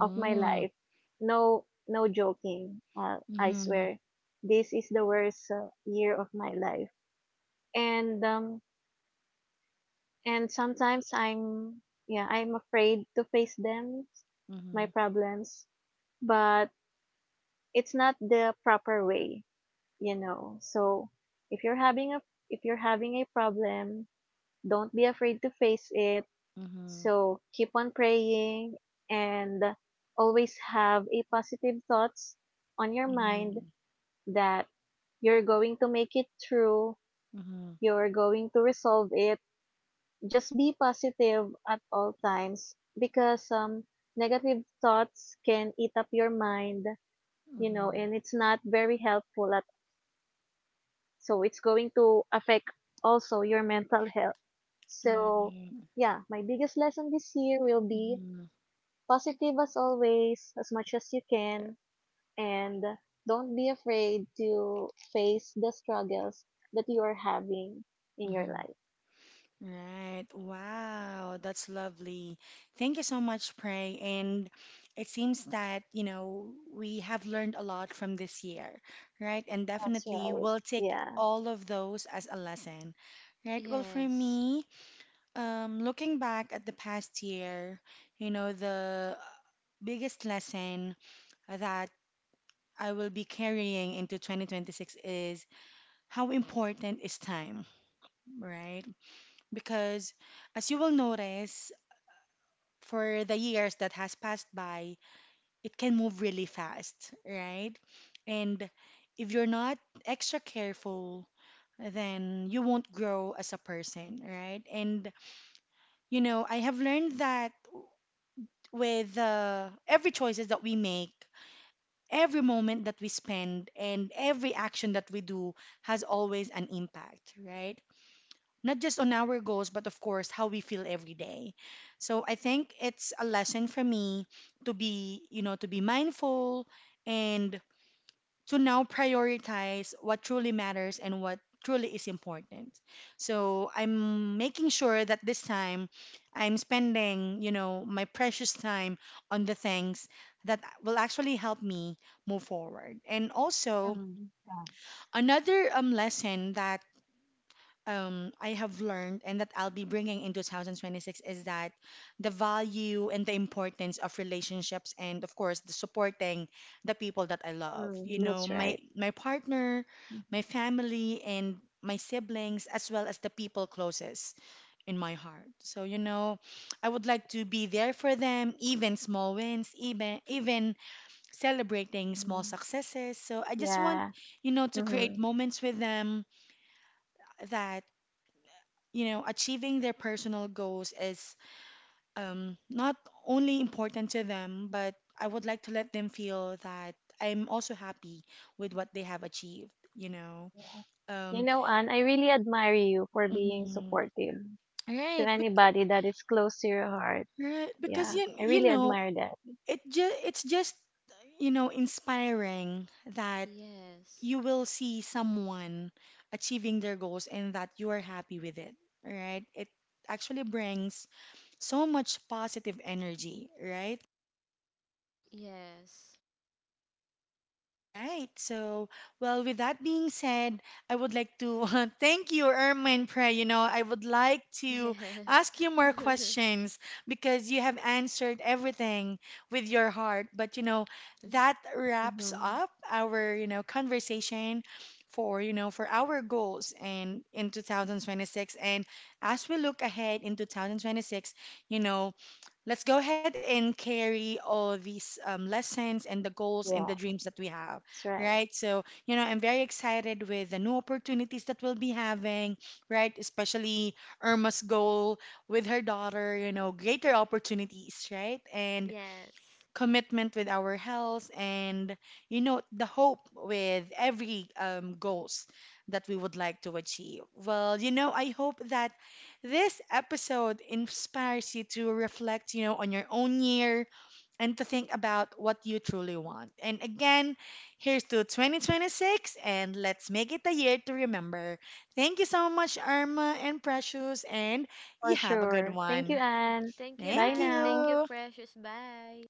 S3: of my life. No, no joking. I
S1: Mm-hmm.
S3: swear, this is the worst year of my life. And um, and sometimes I'm yeah, I'm afraid to face them, my
S1: Mm-hmm.
S3: problems. But it's not the proper way, you know. So if you're having a if you're having a problem, don't be afraid to face it.
S1: Mhm.
S3: So keep on praying and always have a positive thoughts on your mind
S1: Mhm.
S3: that you're going to make it through,
S1: Mhm.
S3: you're going to resolve it. Just be positive at all times because negative thoughts can eat up your mind, you know,
S1: Mhm.
S3: and it's not very helpful at, so it's going to affect also your mental health. So,
S1: Right.
S3: yeah, my biggest lesson this year will be
S1: Mhm.
S3: positive as always, as much as you can and don't be afraid to face the struggles that you are having in your
S1: Mhm.
S3: life.
S1: Right. Wow, that's lovely. Thank you so much, Pray. And it seems that, you know, we have learned a lot from this year, right? And
S3: That's
S1: definitely
S3: right.
S1: we'll take
S3: Yeah.
S1: all of those as a lesson, right? Well, for
S2: Yes,
S1: me, looking back at the past year, you know, the biggest lesson that I will be carrying into 2026 is how important is time, right? Because as you will notice, for the years that has passed by, it can move really fast, right? And if you're not extra careful, then you won't grow as a person, right? And you know, I have learned that with every choices that we make, every moment that we spend and every action that we do has always an impact, right? Not just on our goals, but of course, how we feel every day. So I think it's a lesson for me to be, you know, to be mindful and to now prioritize what truly matters and what truly is important. So I'm making sure that this time I'm spending, you know, my precious time on the things that will actually help me move forward. And also
S3: Mm, yeah.
S1: another lesson that I have learned and that I'll be bringing in 2026 is that the value and the importance of relationships, and of course the supporting the people that I love. You
S3: Mm,
S1: know,
S3: that's
S1: my
S3: right.
S1: my partner, my family and my siblings, as well as the people closest in my heart. So, you know, I would like to be there for them, even small wins, even celebrating small
S3: Mm.
S1: successes. So, I just want,
S3: Yeah.
S1: you know, to
S3: Hmm.
S1: create moments with them that, you know, achieving their personal goals is not only important to them, but I would like to let them feel that I'm also happy with what they have achieved, you know.
S3: Yeah. You
S1: Um,
S3: know, Anne, I really admire you for being
S1: mhm.
S3: supportive to
S1: Right, bec
S3: anybody that is close to your heart.
S1: right, because
S3: Yeah.
S1: you,
S3: I
S1: you
S3: really
S1: know,
S3: admire that.
S1: it just it's just, you know, inspiring that
S2: yes,
S1: you will see someone achieving their goals and that you are happy with it, right? It actually brings so much positive energy, right?
S2: yes,
S1: Right. So, well, with that being said, I would like to thank you, Irma and Pray. You know, I would like to
S2: yes.
S1: ask you more questions because you have answered everything with your heart. But, you know, that wraps
S3: Hmm.
S1: up our, you know, conversation for, you know, for our goals and in 2026. And as we look ahead in 2026, you know, let's go ahead and carry all these lessons and the goals and the
S3: Yeah.
S1: dreams that we have,
S3: That's right.
S1: right? So, you know, I'm very excited with the new opportunities that we'll be having, right? Especially Irma's goal with her daughter, you know, greater opportunities, right? And
S2: Yes.
S1: commitment with our health, and you know the hope with every goals that we would like to achieve. Well, you know, I hope that this episode inspires you to reflect, you know, on your own year, and to think about what you truly want. And again, here's to 2026, and let's make it a year to remember. Thank you so much, Irma and Precious. And
S3: For
S1: you have a good
S3: sure. Thank you,
S1: one.
S2: Mhm.
S3: Anne.
S2: Thank you,
S3: Bye
S1: Thank
S2: Anne. Thank
S3: now.
S2: you,
S1: you.
S2: Precious. Bye.